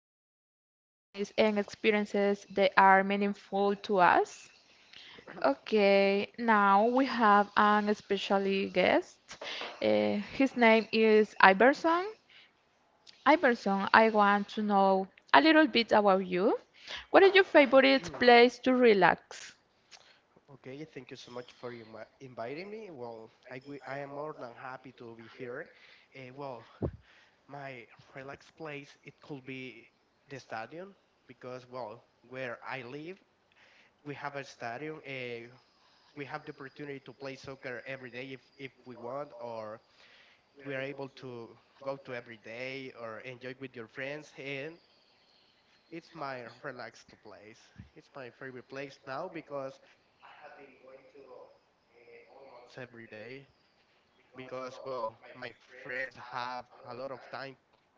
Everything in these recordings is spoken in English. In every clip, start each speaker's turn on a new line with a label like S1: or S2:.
S1: stories, memories, and experiences that are meaningful to us. Okay, now we have an special guest. His name is Iverson. Iverson, I want to know a little bit about you. What is your favorite
S2: Mm,
S1: place to relax?
S2: Okay, thank you so much for inviting me. Well, I am more than happy to be here. Well, my relaxed place, it could be the stadium because, well, where I live, we have a stadium. We have the opportunity to play soccer every day if we want, or we are able to go to every day or enjoy with your friends. And it's my relaxed place. It's my favorite place now because I have been going to almost every day because, well, my friends have a lot of time,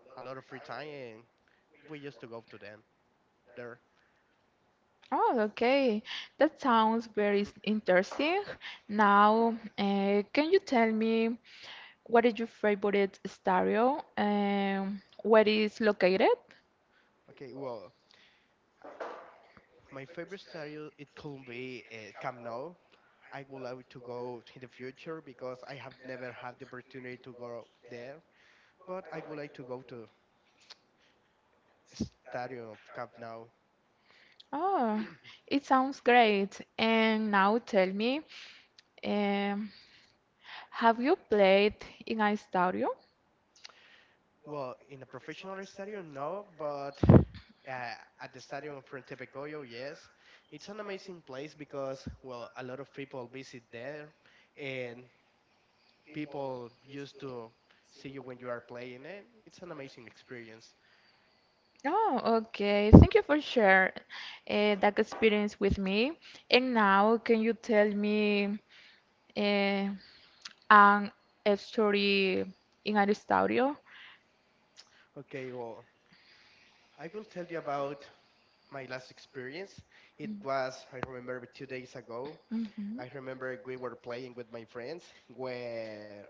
S2: a lot of free time, and we used to go to them there.
S1: Oh, okay. That sounds very interesting. Now, can you tell me, what is your favorite stereo? Where is located?
S2: Okay, well, my favorite stadium, it could be Camp Nou. I would like to go in the future because I have never had the opportunity to go there, but I would like to go to Stadium of Camp Nou.
S1: Oh, it sounds great. And now tell me, um, have you played in a stereo?
S2: Well, in a professional stadium, no, but at the stadium of Frente Goyo, yes. It's an amazing place because, well, a lot of people visit there and people used to see you when you are playing, and it's an amazing experience.
S1: Oh, okay. Thank you for sharing that experience with me. And now, can you tell me uh, an a story in a stereo?
S2: Okay, well, I will tell you about my last experience. It was, I remember, 2 days ago.
S1: Mhm.
S2: I remember we were playing with my friends where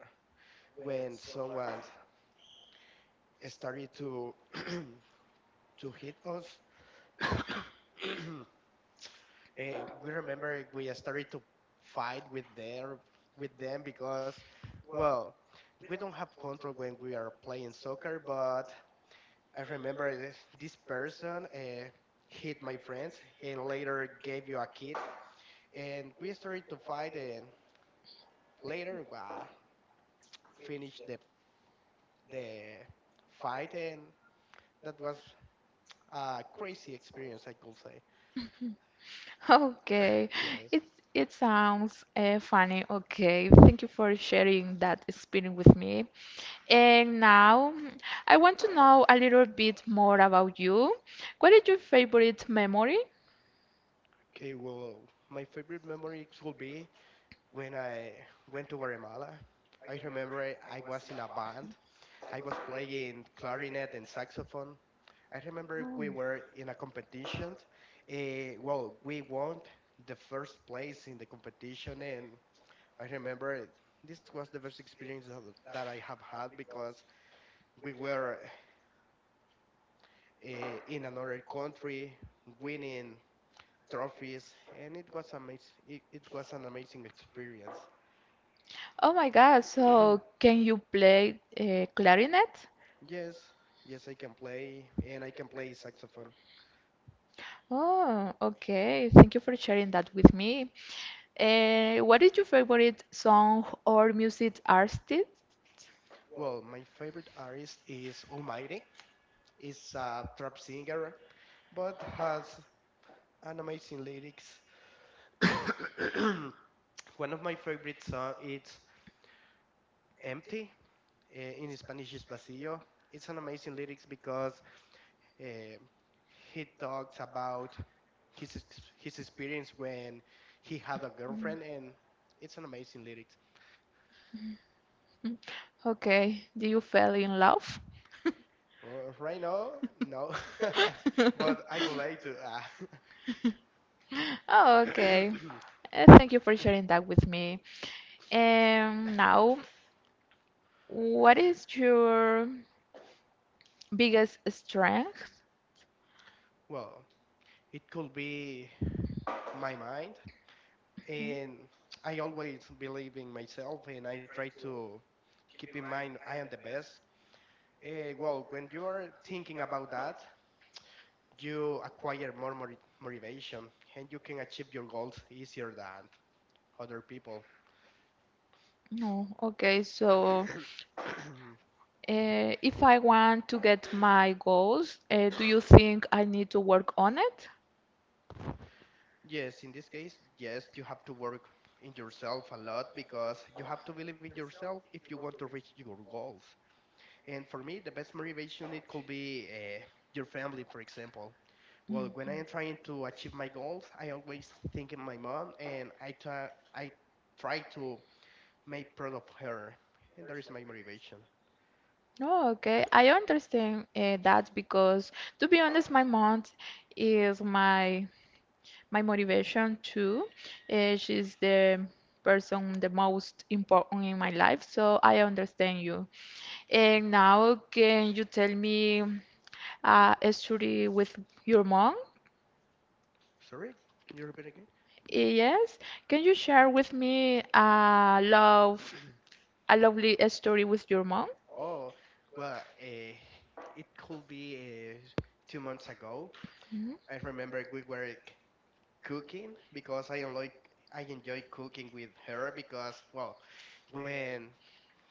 S2: when someone started to to hit us. We remember we started to fight with their with them because, well, we don't have control when we are playing soccer. But I remember this person hit my friends and later gave you a kit, and we started to fight and later we finished the fight, and that was a crazy experience, I could say.
S1: Okay,
S2: Yes.
S1: it it sounds funny. Okay, thank you for sharing that experience with me. And now I want to know a little bit more about you. What is your favorite memory?
S2: Okay, well, my favorite memory will be when I went to Guatemala. I remember I was in a band. I was playing clarinet and saxophone. I remember
S1: Oh,
S2: we were in a competition. Well, we won the first place in the competition, and I remember this was the best experience that I have had because we were in another country winning trophies, and it was amazing. It was an amazing experience.
S1: oh my God, so can you play clarinet?
S2: Yes, yes, I can play, and I can play saxophone.
S1: Oh, okay. Thank you for sharing that with me. What is your favorite song or music artist?
S2: Well, my favorite artist is Almighty. Is a trap singer, but has an amazing lyrics. One of my favorite songs is "Empty." In Spanish, is "Vacío." It's an amazing lyrics because uh, he talks about his experience when he had a girlfriend, and it's an amazing lyrics.
S1: Okay, do you fall in love?
S2: Right now, no. But I would like to.
S1: Oh, okay. Thank you for sharing that with me. And now, what is your biggest strength?
S2: Well, it could be my mind, and I always believe in myself, and I try to keep in mind I am the best. Well, when you are thinking about that, you acquire more motivation, and you can achieve your goals easier than other people.
S1: No, okay, so if I want to get my goals, do you think I need to work on it?
S2: Yes, in this case, yes, you have to work in yourself a lot because you have to believe in yourself if you want to reach your goals. And for me, the best motivation, it could be your family, for example.
S1: Mm.
S2: Well, when I am trying to achieve my goals, I always think in my mom, and I try to make proud of her, and that is my motivation.
S1: Oh, okay. I understand that because, to be honest, my month is my motivation too. She's the person the most important in my life, so I understand you. And now, can you tell me a story with your mom?
S2: Sorry, can you repeat again?
S1: Yes. Can you share with me a love, a lovely story with your mom?
S2: Oh, well, it could be 2 months ago.
S1: Mhm.
S2: I remember we were cooking because I enjoy cooking with her because, well, when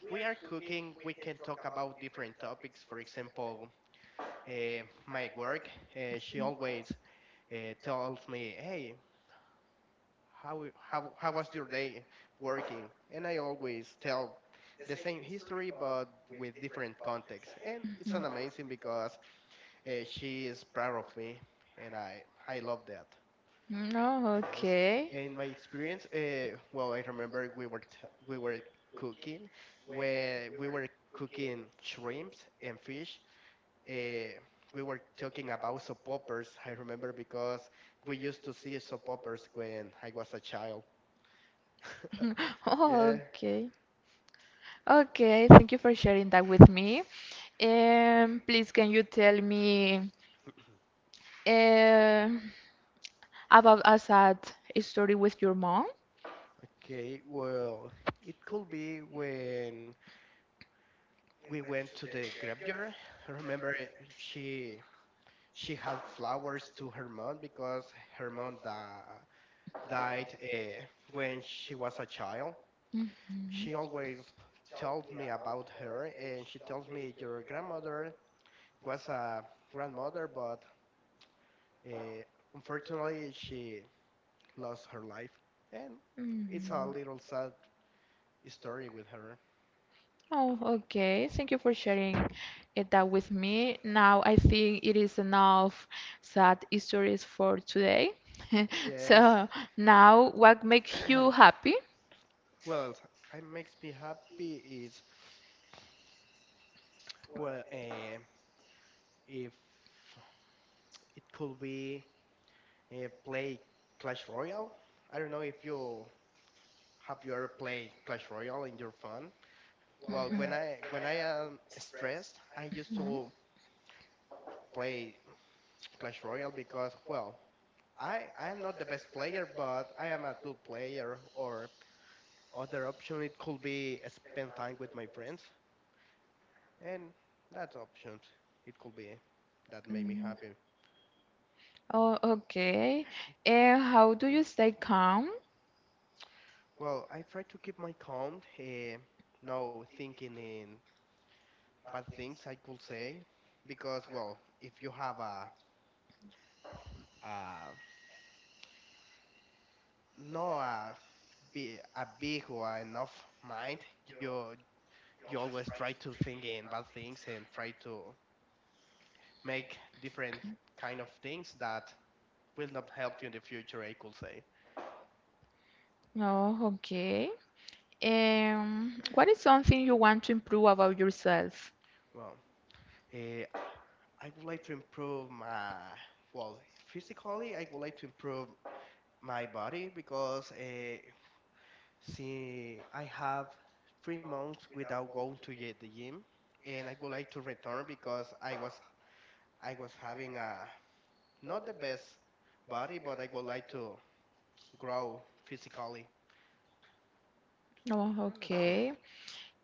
S2: we are cooking, we can talk about different topics. For example, my work. She always tells me, "Hey, how how was your day working?" And I always tell the same history but with different context. And
S1: Mhm.
S2: it's an amazing because she is proud of me, and I love that.
S1: No,
S2: Yes,
S1: okay.
S2: in my experience, well, I remember we were cooking, where we were cooking shrimps and fish. Uh, we were talking about soap operas. I remember because we used to see soap operas when I was a child.
S1: Oh,
S2: Yeah.
S1: okay. Okay, thank you for sharing that with me. Please, can you tell me uh, about a sad story with your mom?
S2: Okay. Well, it could be when we went to the graveyard. I remember she had flowers to her mom because her mom died when she was a child.
S1: Mhm.
S2: She always tells me about her, and she tells me your grandmother was a grandmother, but uh, unfortunately she lost her life, and
S1: Mm.
S2: it's a little sad story with her.
S1: Oh, okay. Thank you for sharing it that with me. Now I think it is enough sad stories for today.
S2: Yes.
S1: So now, what makes you happy?
S2: Well, it makes me happy is, well, if it could be play Clash Royale. I don't know if you ever played Clash Royale in your phone. Well, when I am stressed, I used to play Clash Royale because, well, I am not the best player, but I am a good player. Or other option, it could be spend time with my friends, and that option, it could be that made me
S1: Mm.
S2: happy.
S1: Oh, okay. And how do you stay calm?
S2: Well, I try to keep my calm, no thinking in bad things, I could say, because, well, if you have a no a be a big one of mind, you you always try to think in bad things and try to make different kind of things that will not help you in the future, I could say.
S1: Oh, okay. What is something you want to improve about yourself?
S2: Well, eh, I would like to improve my, well, physically, I would like to improve my body because see, I have 3 months without going to get the gym, and I would like to return because I was having a not the best body, but I would like to grow physically.
S1: Oh,
S2: And that's it.
S1: okay.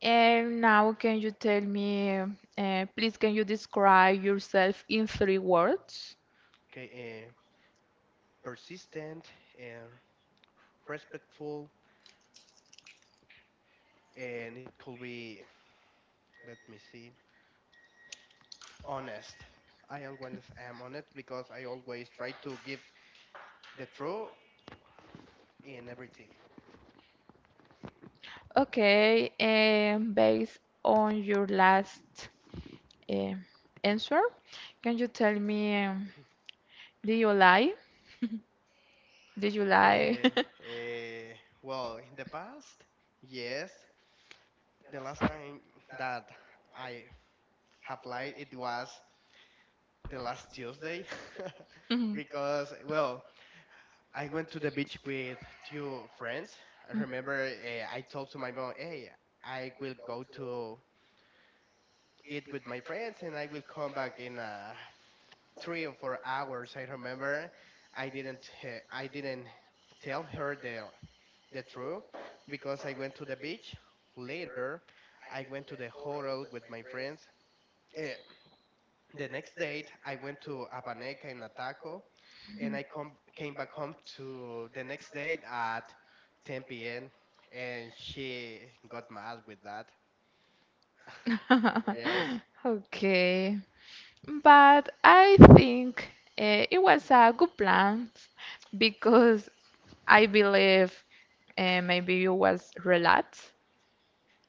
S1: And now, can you tell me, please, can you describe yourself in three words?
S2: Okay, uh, persistent and respectful, and it could be, let me see, honest. I always am honest because I always try to give the truth in everything.
S1: Okay, and based on your last uh, answer, can you tell me, did you lie? Did you lie?
S2: Uh, uh, well, in the past, yes, the last time that I have lied, it was the last Tuesday because, well, I went to the beach with two friends. I remember I told to my mom, "Hey, I will go to eat with my friends, and I will come back in 3 or 4 hours." I remember I didn't tell her the truth because I went to the beach. Later, I went to the hotel with my friends. Uh, the next date, I went to Apaneca and Ataco, and
S1: Mhm.
S2: I come came back home to the next day at 10 p.m., and she got mad with that. Yes,
S1: Okay. But I think it was a good plan because I believe maybe you was relaxed.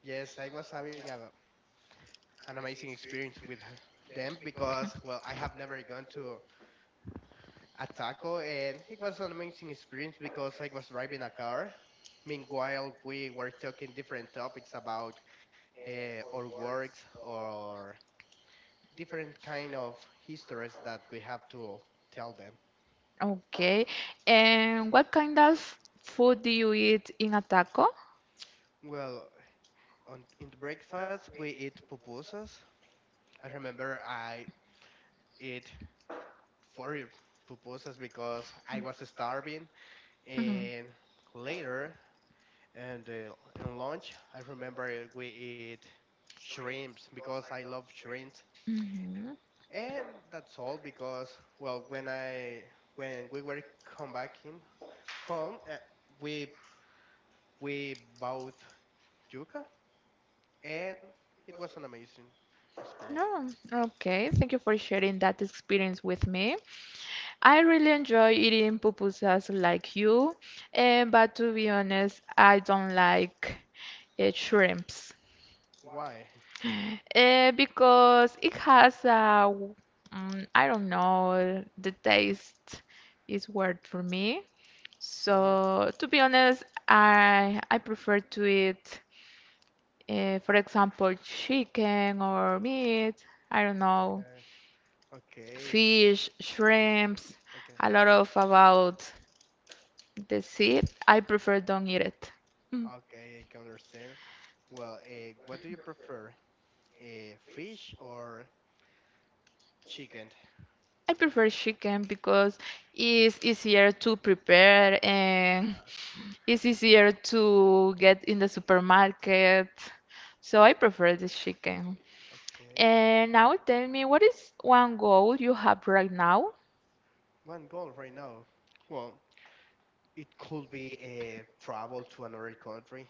S2: yes, I was having an amazing experience with them because, well, I have never gone to a taco, and it was an amazing experience because I was driving a car. Meanwhile, we were talking different topics about our works or different kind of histories that we have to tell them.
S1: Okay. And what kind of food do you eat in a taco?
S2: Well, on in the breakfast we eat pupusas. I remember I eat four pupusas because I was starving,
S1: Mhm.
S2: and later and in lunch I remember we eat shrimps because I love shrimps,
S1: Mhm.
S2: and that's all because, well, when we were come back in home, we we bought yuca, and it was an amazing experience.
S1: No, okay. Thank you for sharing that experience with me. I really enjoy eating pupusas like you, but to be honest, I don't like shrimps.
S2: Why?
S1: Because it has I don't know, the taste is weird for me. So to be honest, I prefer to eat, for example, chicken or meat. I don't know,
S2: Okay, okay,
S1: fish, shrimps,
S2: okay,
S1: a lot of about the sea. I prefer don't eat it. Mm.
S2: okay, I can understand. Well, what do you prefer, uh, fish or chicken?
S1: I prefer chicken because it's easier to prepare and
S2: Uh,
S1: it's easier to get in the supermarket, so I prefer the chicken.
S2: okay,
S1: And now tell me, what is one goal you have right now?
S2: one goal right now. Well, it could be a travel to another country.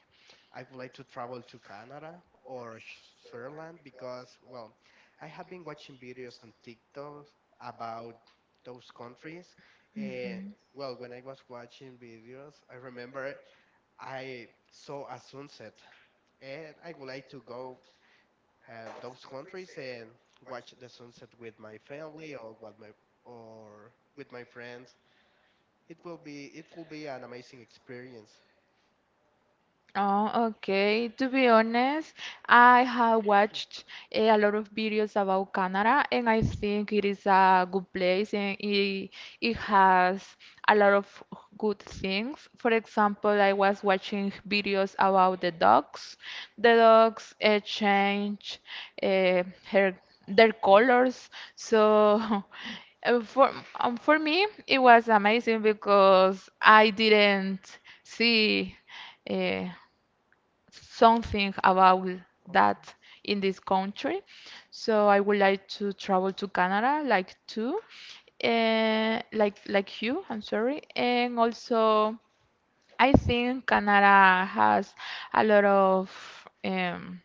S2: I would like to travel to Canada or Switzerland because, well, I have been watching videos on TikTok about those countries. And,
S1: Mhm.
S2: well, when I was watching videos, I remember I saw a sunset, and I would like to go those countries and watch the sunset with my family or or with my friends. It will be an amazing experience.
S1: Oh, okay. To be honest, I have watched a lot of videos about Canada, and I think it is a good place, and it has a lot of good things. For example, I was watching videos about the dogs. The dogs change uh, her, their colors, so Uh, For for me, it was amazing because I didn't see uh, something about
S2: Okay.
S1: that in this country. So I would like to travel to Canada, like too, like you. I'm sorry, and also I think Canada has a lot of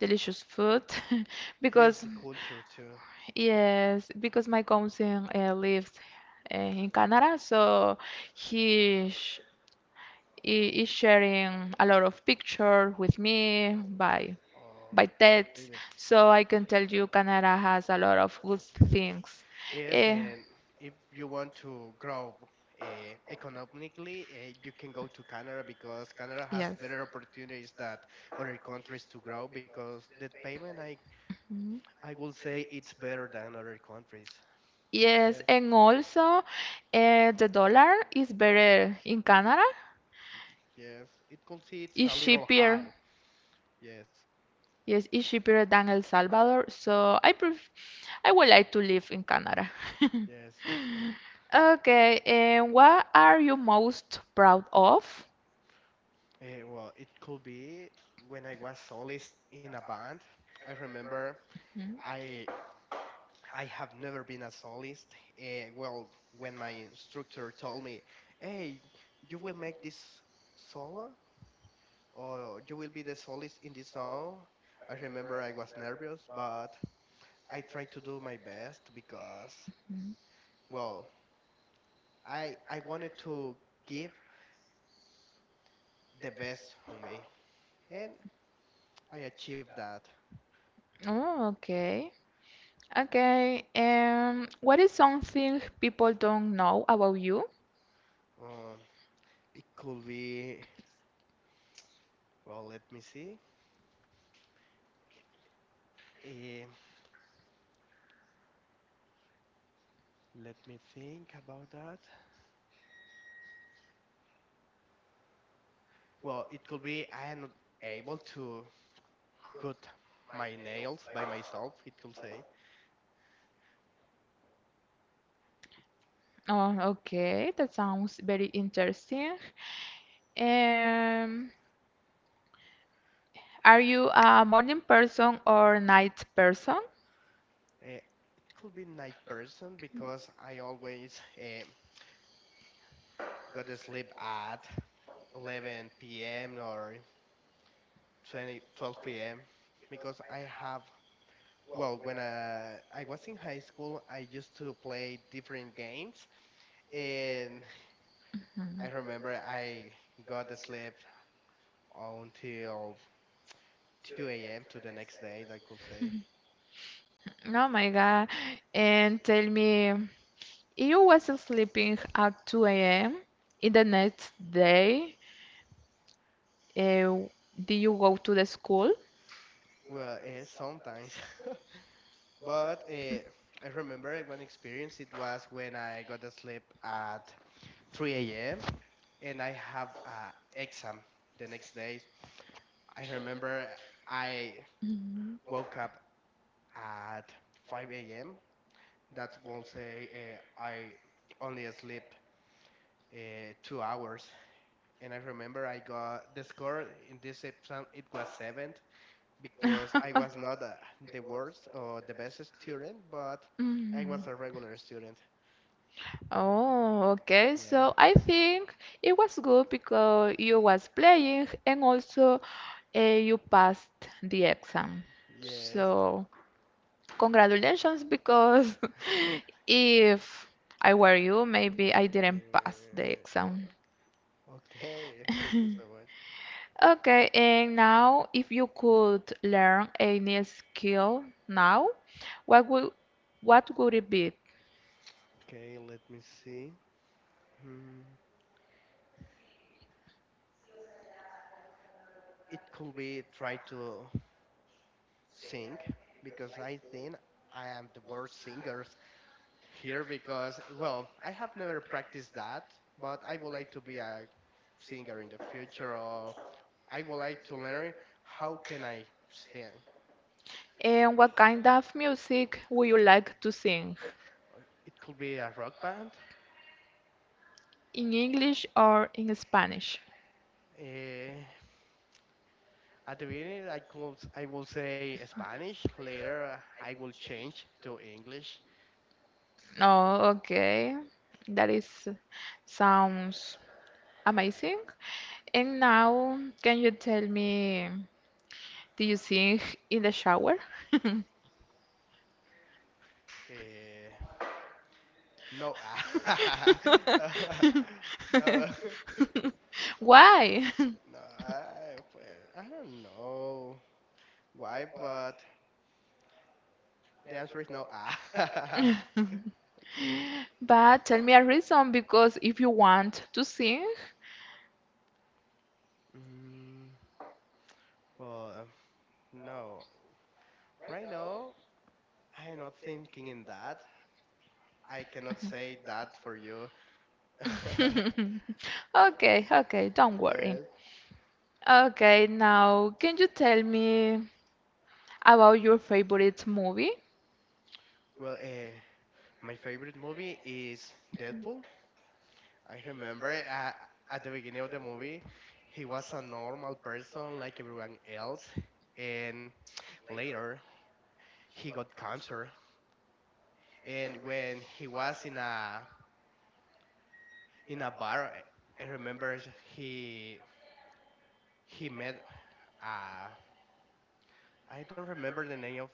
S1: delicious food
S2: Yes,
S1: because
S2: the culture too.
S1: yes, because my cousin lives in Canada, so he is sharing a lot of pictures with me by
S2: Oh,
S1: by text,
S2: really?
S1: so I can tell you Canada has a lot of good things.
S2: Yes,
S1: Eh,
S2: and if you want to grow uh, economically, you can go to Canada because Canada has
S1: yes.
S2: better opportunities that other countries to grow because the payment, I
S1: Mhm.
S2: I would say, it's better than other countries.
S1: Yes,
S2: Yes,
S1: and also the dollar is better in Canada.
S2: yes. It could see it's
S1: It's
S2: a little
S1: cheaper.
S2: high. Yes,
S1: Yes, it's cheaper than El Salvador. So I would like to live in Canada.
S2: yes, me too.
S1: Okay, and what are you most proud of?
S2: Well, it could be when I was solist in a band. I remember
S1: Mm.
S2: I I have never been a solist. Well, when my instructor told me, "Hey, you will make this solo, or you will be the solist in this song," I remember I was nervous, but I tried to do my best because, well, I wanted to give the best on me, and I achieved that.
S1: Oh, okay. Okay, what is something people don't know about you?
S2: Um, it could be well. Let me see. Um, Let me think about that. Well, it could be I am not able to cut my nails by myself. It could say.
S1: Oh, okay, that sounds very interesting. Um, are you a morning person or night person?
S2: Uh, it could be night person because I always go to sleep at 11 p.m. or 12 p.m. because I have Well, when I was in high school, I used to play different games, and I remember I got to sleep until 2 a.m. to the next day, I could say.
S1: Oh my God. And tell me, if you was sleeping at 2 a.m. in the next day, uh, did you go to the school?
S2: Well, sometimes. But I remember one experience. It was when I got to sleep at 3 a.m. and I have an exam the next day. I remember I
S1: Mhm.
S2: woke up at 5 a.m. That will say I only sleep 2 hours. And I remember I got the score in this exam. It was seventh because I was not the worst or the best student, but I
S1: Mhm.
S2: was a regular student. Yeah,
S1: Oh, okay. So I think it was good because you was playing and also you passed the exam.
S2: yeah, yes.
S1: So congratulations because if I were you, maybe I didn't pass the exam.
S2: Oh, okay, thank you so much.
S1: Okay, and now if you could learn a new skill now, what would what would it be?
S2: Okay, let me see. Hmm. It could be try to sing because I think I am the worst singer here because, well, I have never practiced that, but I would like to be a singer in the future, or I would like to learn how can I sing.
S1: And what kind of music would you like to sing?
S2: It could be a rock band.
S1: In English or in Spanish?
S2: Eh, at the beginning, I will say Spanish. Later I will change to English.
S1: Oh, okay. That is sounds amazing. And now, can you tell me, do you sing in the shower?
S2: Eh, no, no,
S1: Why?
S2: no. I don't know why, but the answer is no. Okay.
S1: But tell me a reason because if you want to sing.
S2: Mm, well, no. Right now, I'm not thinking in that. I cannot say that for you.
S1: Okay, okay, don't worry.
S2: Yes.
S1: Okay, now can you tell me about your favorite movie?
S2: Well, my favorite movie is Deadpool. I remember at the beginning of the movie, he was a normal person like everyone else, and later he got cancer. And when he was in a bar, I remember he he met a, I don't remember the name of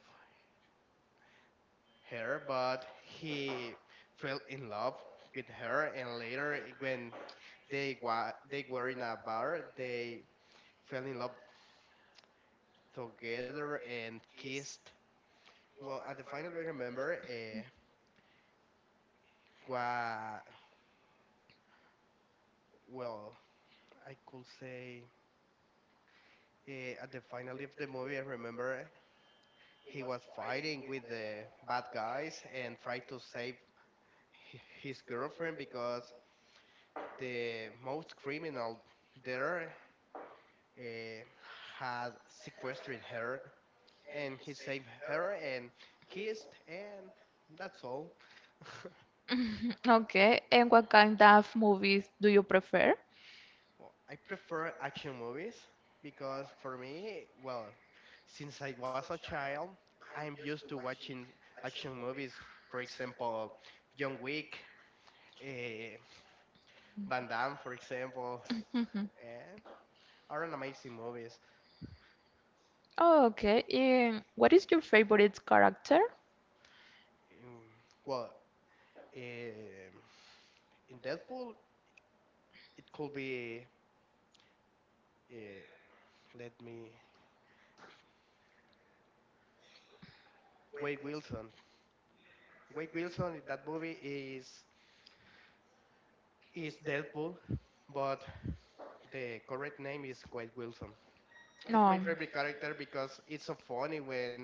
S2: her, but he fell in love with her, and later, when they were in a bar, they fell in love together and kissed. Well, at the final, I remember, what, well, I could say, at the final of the movie, I remember he was fighting with the bad guys and tried to save his girlfriend because the most criminal there uh, had sequestered her, and he saved her and kissed, and that's all.
S1: Okay, and what kind of movies do you prefer?
S2: Well, I prefer action movies because for me, well, since I was a child, I'm used to watching action movies. For example, John Wick, eh, Van Damme, for example,
S1: Mhm.
S2: eh, are an amazing movies.
S1: Oh, okay, and what is your favorite character?
S2: Mm, well, eh, in Deadpool, it could be, uh, let me, Wade Wilson. Wade Wilson in that movie is Deadpool, but the correct name is Wade Wilson. It's my
S1: No.
S2: favorite character because it's so funny when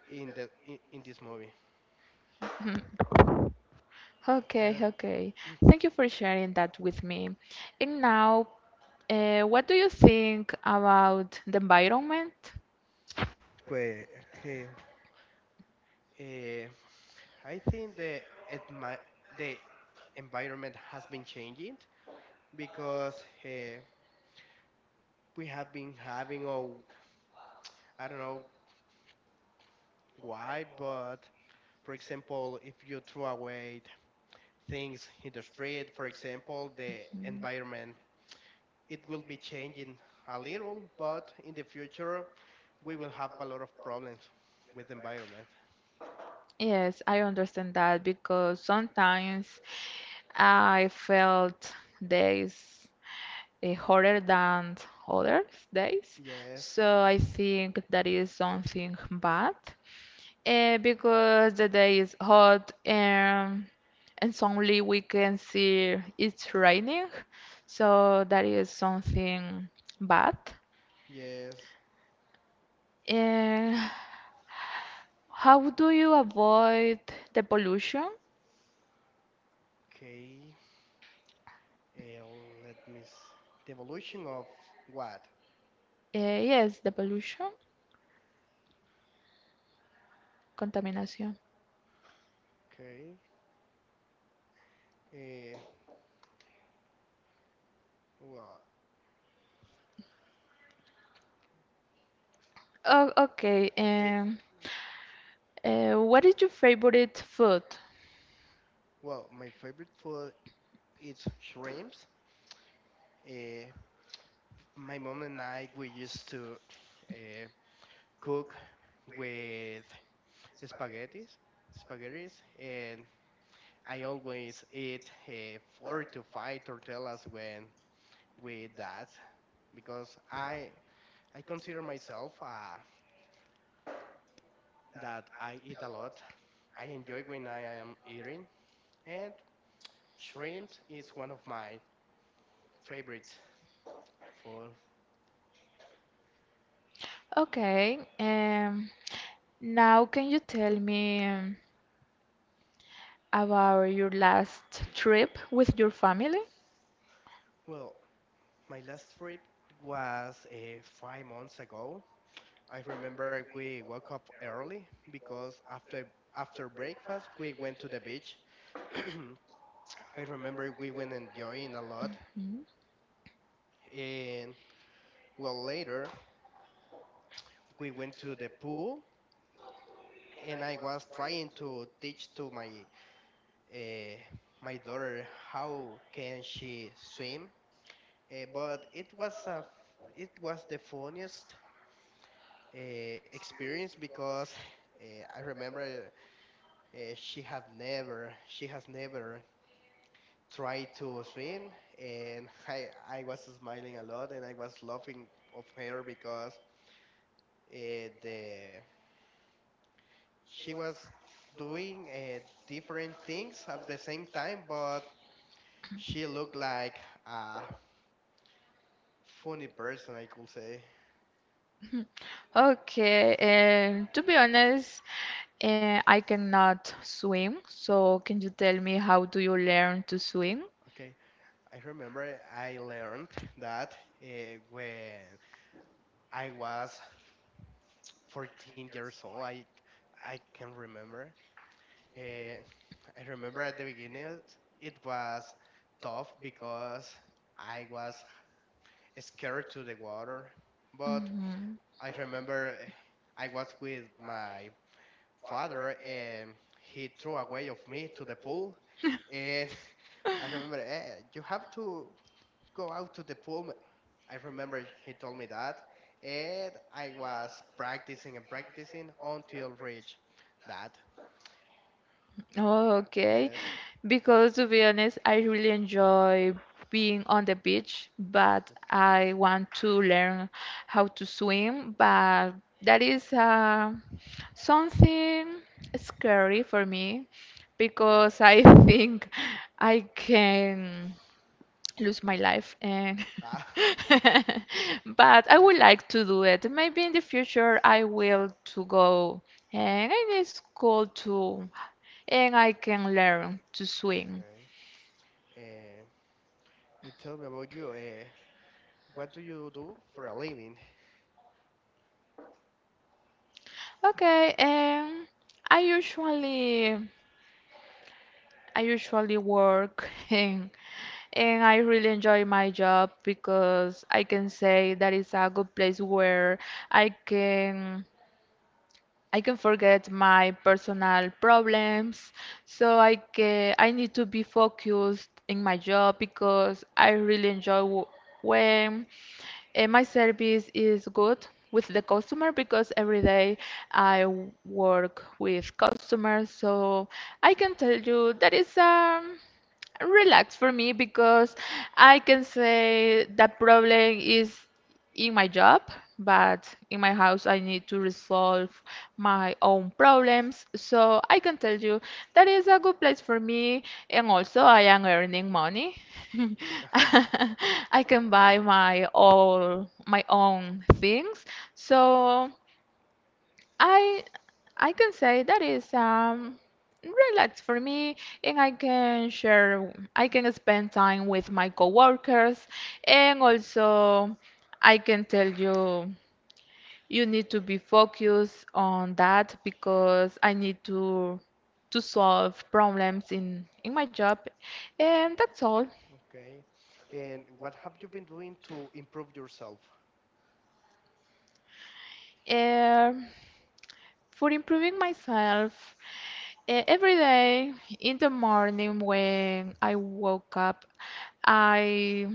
S2: in this movie.
S1: Okay,
S2: Uh,
S1: okay. Thank you for sharing that with me. And now, what do you think about the environment?
S2: Pues, okay. Eh, I think admi- the environment has been changing because, uh, we have been having, oh, I don't know why, but for example, if you throw away things in the street, for example, the environment, it will be changing a little, but in the future, we will have a lot of problems with the environment.
S1: Yes, I understand that because sometimes I felt this harder than other days.
S2: Yes,
S1: So I think that is something bad because the day is hot and suddenly we can see it's raining. So that is something bad.
S2: yes.
S1: And how do you avoid the pollution?
S2: Okay. Let me, the evolution of what?
S1: Yes, the pollution, contamination.
S2: Okay. Uh, well,
S1: Oh, okay.
S2: okay.
S1: What is your favorite food?
S2: Well, my favorite food is shrimps. Uh, my mom and I we used to, uh, cook with spaghettis, spaghettis, and I always eat four to five tortillas when with that because I consider myself, that I eat a lot. I enjoy when I am eating, and shrimp is one of my favorite food.
S1: Okay. Now, can you tell me about your last trip with your family?
S2: Well, my last trip was, 5 months ago. I remember we woke up early because after breakfast we went to the beach. I remember we went enjoying a lot,
S1: Mm.
S2: and, well, later we went to the pool, and I was trying to teach to uh, my daughter how can she swim, but it was the funniest, uh, experience because, I remember, she has never tried to swim. And I was smiling a lot, and I was laughing of her because, the she was doing, different things at the same time, but she looked like a funny person, I could say.
S1: Okay, and to be honest, I cannot swim, so can you tell me how do you learn to swim?
S2: Okay. I remember I learned that, uh, when I was 14 years old. I can remember. Eh, I remember at the beginning it was tough because I was scared to the water, but
S1: Mhm.
S2: I remember, I was with my father and he threw away of me to the pool, and I remember, you have to go out to the pool. "Ma-" I remember he told me that, and I was practicing and practicing until reach that.
S1: Oh, okay.
S2: Yes.
S1: Because to be honest, I really enjoy being on the beach, but I want to learn how to swim. But that is something scary for me
S2: Yeah.
S1: because I think I can lose my life and
S2: Ah,
S1: but I
S2: yeah.
S1: would like to do it. Maybe in the future I will to go and it is cool to and I can learn to swim.
S2: Okay. Uh, you tell me about you. What do you do for a living?
S1: Okay, and I usually I usually work and I really enjoy my job because I can say that is a good place where I can I can forget my personal problems. So I need to be focused in my job because I really enjoy when my service is good with the customer because every day I work with customers, so I can tell you that is relax for me because I can say that problem is in my job, but in my house I need to resolve my own problems. So I can tell you that is a good place for me, and also I am earning money. I can buy
S2: Okay.
S1: my all my own things. So I I can say that is relaxed for me and I can spend time with my coworkers and also I can tell you, you need to be focused on that because I need to solve problems in my job and that's all.
S2: Okay. And what have you been doing to improve yourself?
S1: Um for improving myself every day in the morning when I woke up. I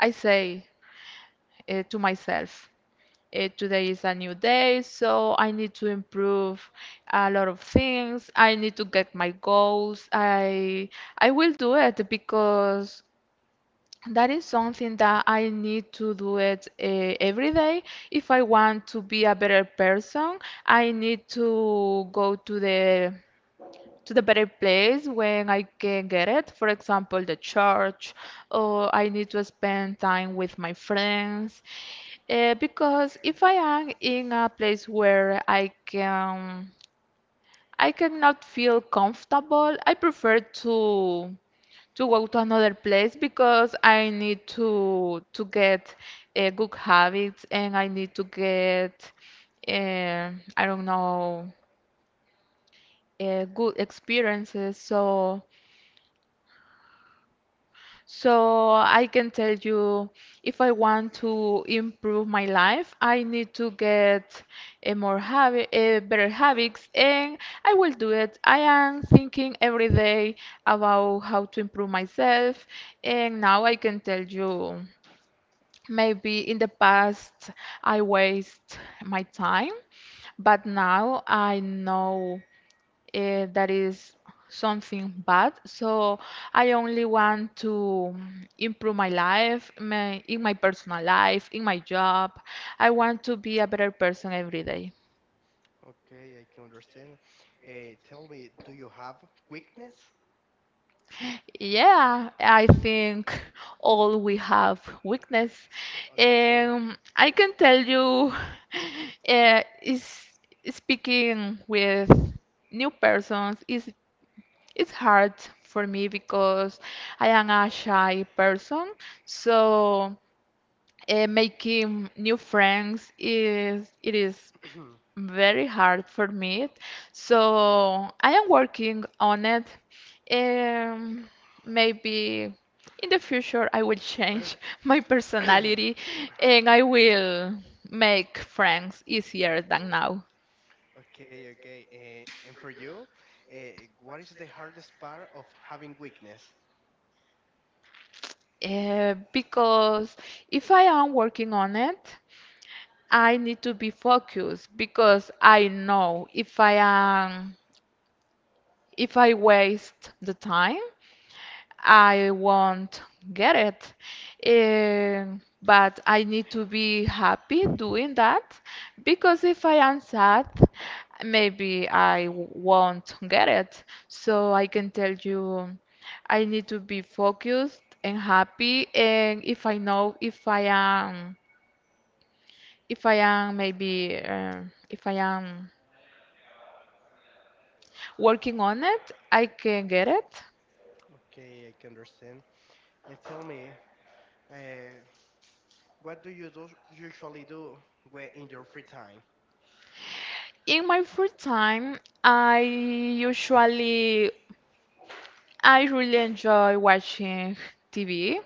S1: I say to myself, today is a new day, so I need to improve a lot of things. I need to get my goals. I will do it because that is something that I need to do it every day. If I want to be a better person, I need to go to the better place when I can get it. For example, the church, or I need to spend time with my friends. Because if I am in a place where I cannot feel comfortable, I prefer to go to another place because I need to get good habits and I need to get uh, I don't know good experiences. So I can tell you if I want to improve my life, I need to get a better habits, and I will do it. I am thinking every day about how to improve myself, and now I can tell you maybe in the past I waste my time, but now I know that is something bad. So I only want to improve my life, in my personal life, in my job. I want to be a better person every day.
S2: Okay, I can understand. Tell me, do you have weakness?
S1: Yeah, I think all we have weakness.
S2: Okay.
S1: I can tell you, is speaking with new persons is. It's hard for me because I am a shy person, so making new friends is very hard for me. So I am working on it. Um, maybe in the future I will change my personality and I will make friends easier than
S2: Okay.
S1: now.
S2: Okay. Okay. And for you, uh, what is the hardest part of having weakness?
S1: Because if I am working on it, I need to be focused because I know if I waste the time, I won't get it. But I need to be happy doing that because if I am sad, maybe I won't get it. So I can tell you I need to be focused and happy, and if I know if I am maybe if I am working on it, I can get it.
S2: Okay, I can understand. And tell me, uh, what do you do usually do when in your free time?
S1: In my free time, I really enjoy watching TV,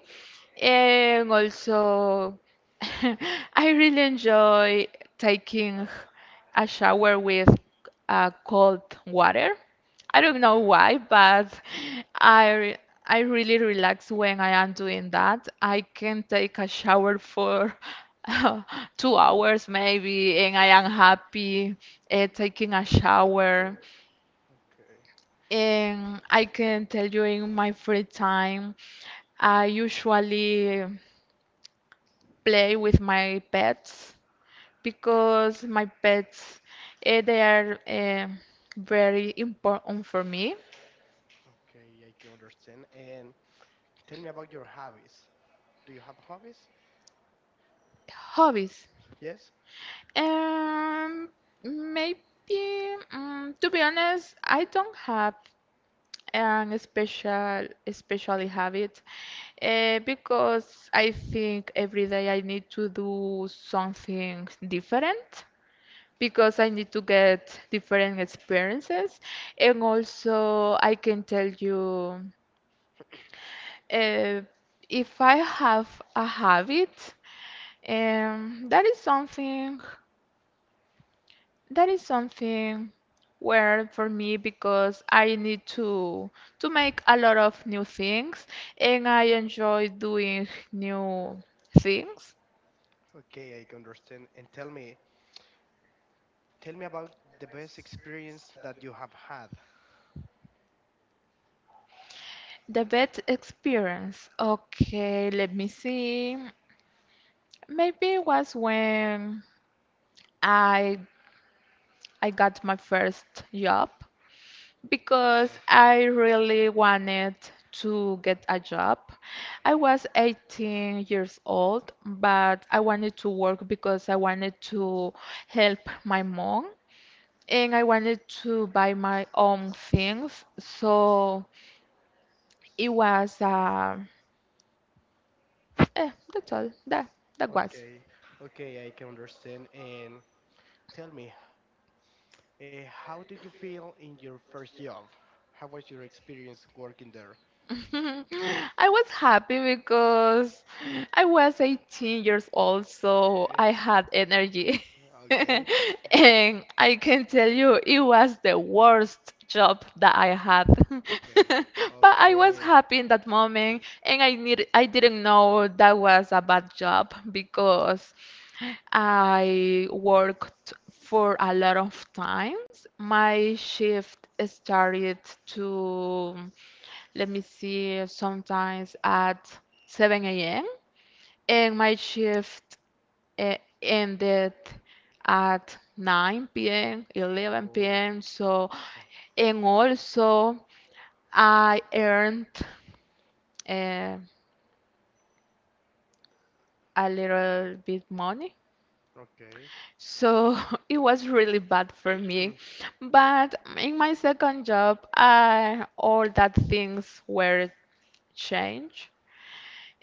S1: and also I really enjoy taking a shower with cold water. I don't know
S2: Okay.
S1: why, but I I really relax when I am doing that. I can take a shower for 2 hours maybe, and I am
S2: uh,
S1: happy taking a shower.
S2: okay.
S1: And I can tell you in my free time, I usually play with my pets because my pets they are very important for me.
S2: Okay. I can understand. And tell me about your hobbies. Do you have hobbies?
S1: Hobbies.
S2: Yes.
S1: Um, maybe to be honest, I don't have an especially habit, because I think every day I need to do something different, because I need to get different experiences. And also, I can tell you uh, if I have a habit, that is something, that is something weird for me because I need to make a lot of new things, and I enjoy doing new things.
S2: Okay. I can understand. And tell me about the best experience that you have had.
S1: The best experience. Okay, let me see. Maybe it was when I I got my first job because
S2: Okay.
S1: I really wanted to get a job. I was 18 years old, but I wanted to work because I wanted to help my mom and I wanted to buy my own things. So it was that's all. That was.
S2: Okay. Okay. I can understand. And tell me, how did you feel in your first job? How was your experience working there?
S1: I was happy because I was 18 years old, so
S2: Okay.
S1: I had energy.
S2: Okay.
S1: And I can tell you, it was the worst job that I had.
S2: Okay.
S1: But I was
S2: Okay.
S1: happy in that moment, and I didn't know that was a bad job because I worked for a lot of times. My shift started to, let me see, sometimes at 7 a.m. and my shift uh, ended at 9 p.m., 11
S2: Oh.
S1: p.m. So, and also I earned uh, a little bit money.
S2: Okay.
S1: So it was really bad for me. But in my second job, all that things were changed.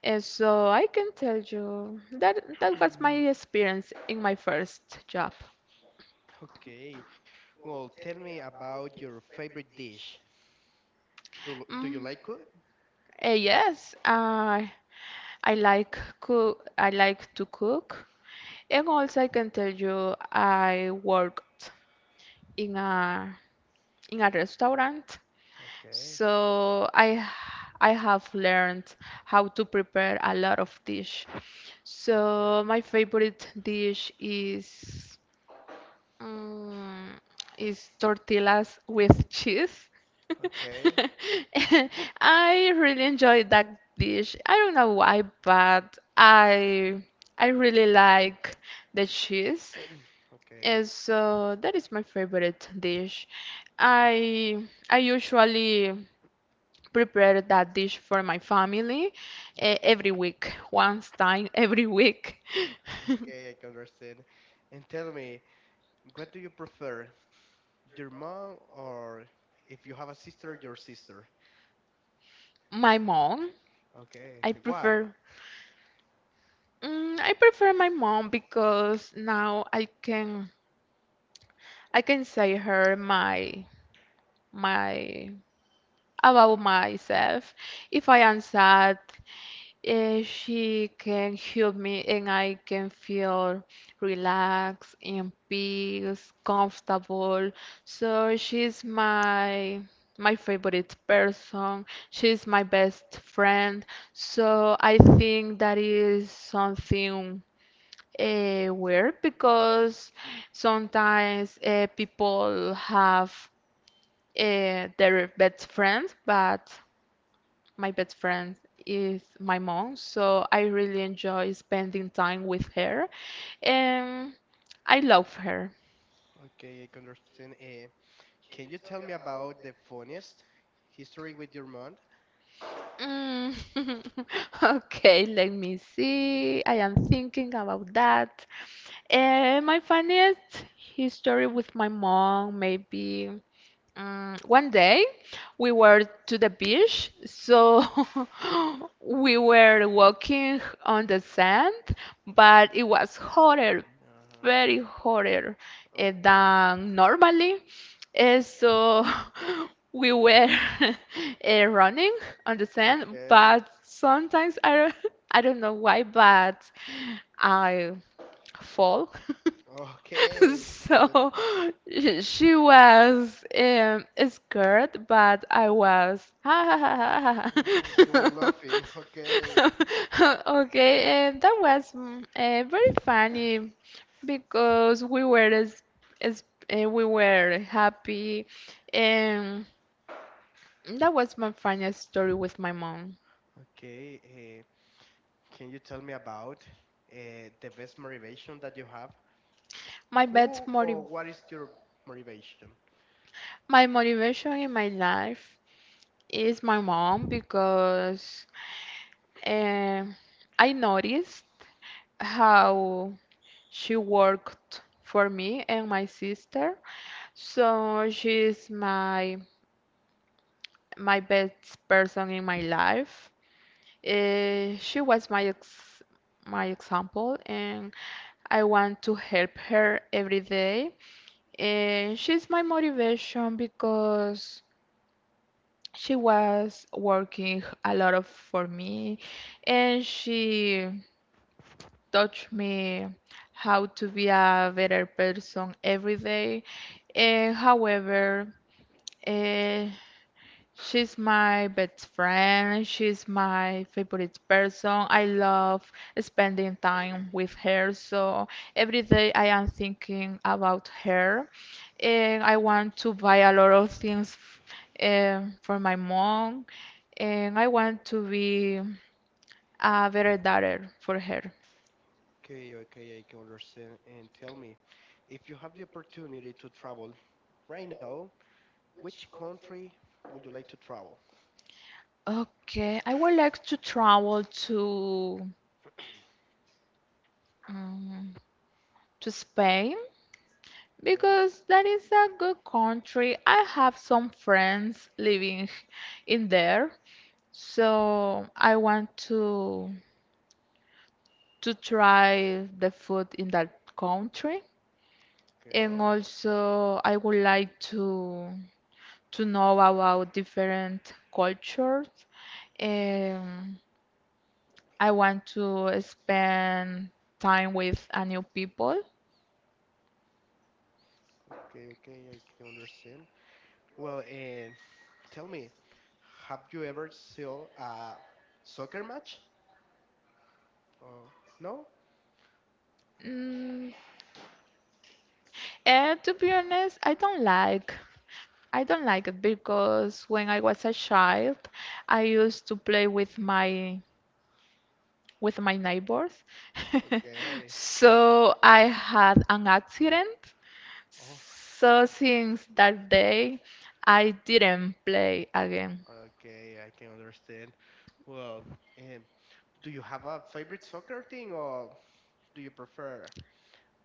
S1: So I can tell you that was my experience in my first job.
S2: Okay. Well, tell me about your favorite dish. Do you
S1: Mm,
S2: like it?
S1: yes, I like cook. I like to cook, and also I can tell you I worked in a in a restaurant.
S2: Okay.
S1: So I I have learned how to prepare a lot of dish.
S2: Okay.
S1: So my favorite dish is. Mm, is tortillas with cheese.
S2: Okay.
S1: I really enjoy that dish. I don't know why, but I really like the cheese.
S2: Okay.
S1: And so that is my favorite dish. I I usually prepare that dish for my family every week, once time every week.
S2: Okay, I can understand. And tell me, what do you prefer? Your mom, or if you have a sister, your sister?
S1: My mom,
S2: Okay.
S1: I
S2: Why?
S1: prefer. I prefer my mom because now I can say her my about myself. If I am sad, she can help me and I can feel relaxed, in peace, comfortable. So she's my favorite person. She's my best friend. So I think that is something weird because sometimes people have their best friends, but my best friend is my mom, so I really enjoy spending time with her, and I love her.
S2: Okay, I can understand. Can you tell me about the funniest history with your mom?
S1: Mm. Okay, let me
S2: Eh,
S1: see. I am thinking about that. My funniest history with my mom, maybe. One day we were to the beach, so we were walking on the sand, but it was hotter,
S2: Uh-huh.
S1: very hotter
S2: Okay.
S1: than normally. So we were running on the sand,
S2: Okay.
S1: but sometimes I, don't- I don't know why, but I fall.
S2: Okay. You got,
S1: So she was scared, but I was.
S2: yeah, you were laughing. Okay.
S1: Okay, and that was very funny because we were as we were happy, and that was my funniest story with my mom.
S2: Okay, can you tell me about, the best motivation that you have?
S1: My best
S2: Who
S1: motiv
S2: or what is your motivation?
S1: my motivation in my life is my mom because. Uh, I noticed how she worked for me and my sister. So she's my best person in my life. She was my example, and I want to help her every day. And she's my motivation because she was working a lot of for me, and she taught me how to be a better person every day. However, eh, she's my best friend, she's my favorite person. I love spending time with her, so every day I am thinking about her. And I want to buy a lot of things for my mom, and I want to be a better daughter for her.
S2: Okay, okay, I can understand. And tell me, if you have the opportunity to travel right now, which country would you like to travel?
S1: Okay, I would like to travel um, to Spain
S2: Okay,
S1: because that is a good country. I have some friends living in there, so I want to try the food in that country. And
S2: okay,
S1: also, I would like to know about different cultures. Um, I want to spend time with a new people.
S2: okay, okay, I can understand. Well, and tell me, have you ever saw a soccer match? Oh, no?
S1: Mm, to be honest, I don't like. I don't like it because when I was a child, I used to play with my neighbors.
S2: Okay.
S1: So I had an accident.
S2: Oh,
S1: So since that day, I didn't play again.
S2: okay. I can understand. Well, um, do you have a favorite soccer team or do you prefer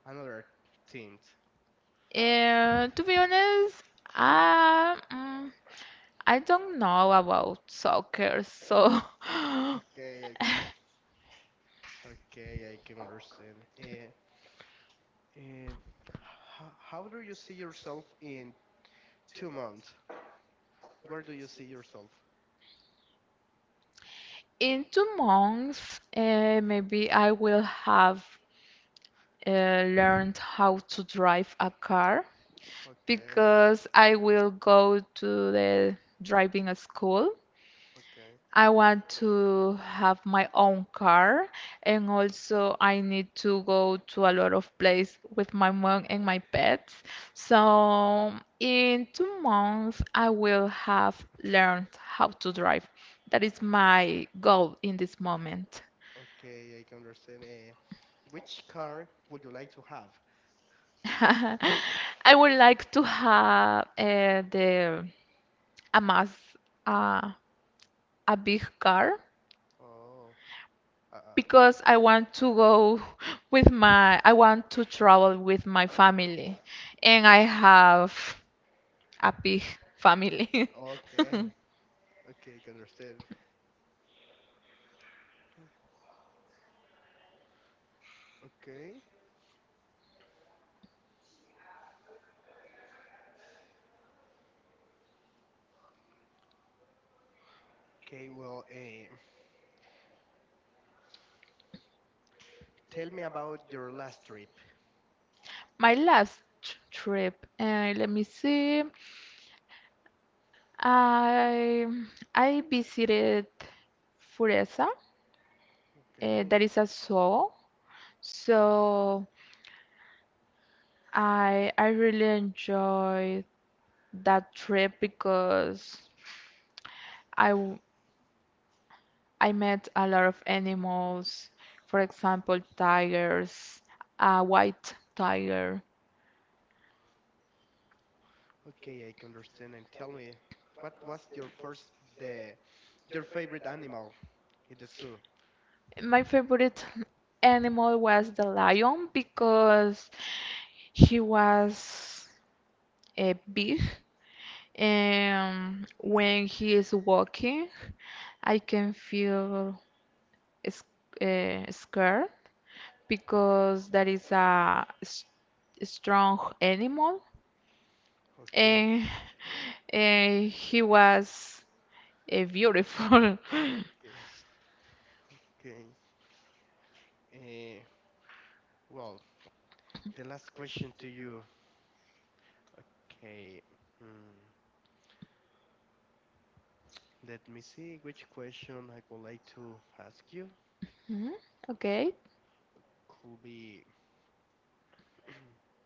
S2: another teams?
S1: And to be honest, I mm, I don't know about soccer, so
S2: Okay. Okay. Okay. I can understand. Um, how do you see yourself in 2 months? Where do you see yourself?
S1: in 2 months, maybe I will have learned how to drive a car
S2: Okay.
S1: because I will go to the driving school.
S2: Okay.
S1: I want to have my own car, and also I need to go to a lot of places with my mom and my pets. So in 2 months, I will have learned how to drive. That is my goal in this moment.
S2: Okay. I can understand. Which car would you like to have?
S1: I would like to have the a mass uh, a big car
S2: Oh. Uh, uh,
S1: because I want to go with my I want to travel with my family and I have a big family.
S2: okay. Okay. I can understand. Okay. Okay, well, tell me about your last trip.
S1: My last trip, let me see. I I visited Fureza.
S2: Okay.
S1: That is a zoo. So I really enjoyed that trip because I I met a lot of animals, for example, tigers, a white tiger.
S2: Okay, I can understand. And tell me, what was your first, the, your favorite animal in the zoo?
S1: My favorite animal was the lion because he was a big and when he is walking, I can feel scared because that is a strong animal,
S2: Okay.
S1: and, and he was beautiful.
S2: Okay. Okay. Eh, well, the last question to you. Okay. Hmm. Let me see which question I would like to ask you.
S1: Mm, Okay.
S2: Could be,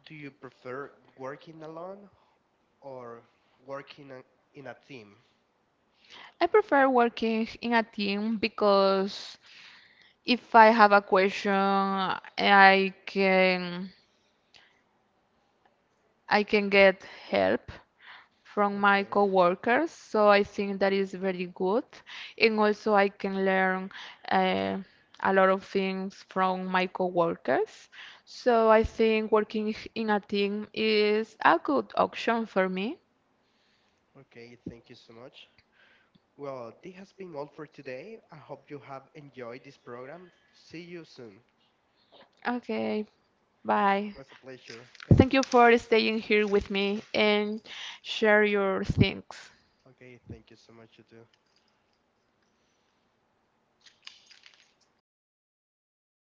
S2: do you prefer working alone or working in a team?
S1: I prefer working in a team because if I have a question, I can get help from my
S2: Okay.
S1: coworkers, so I think that is very good. And also I can learn uh, a lot of things from my coworkers. So I think working in a team is a good option for me.
S2: Okay, thank you so much. Well, this has been all for today. I hope you have enjoyed this program. See you soon. It
S1: Okay, bye.
S2: was a pleasure. Okay.
S1: Thank you for staying here with me
S2: Okay.
S1: and share your things.
S2: Okay. Thank you so much, you too.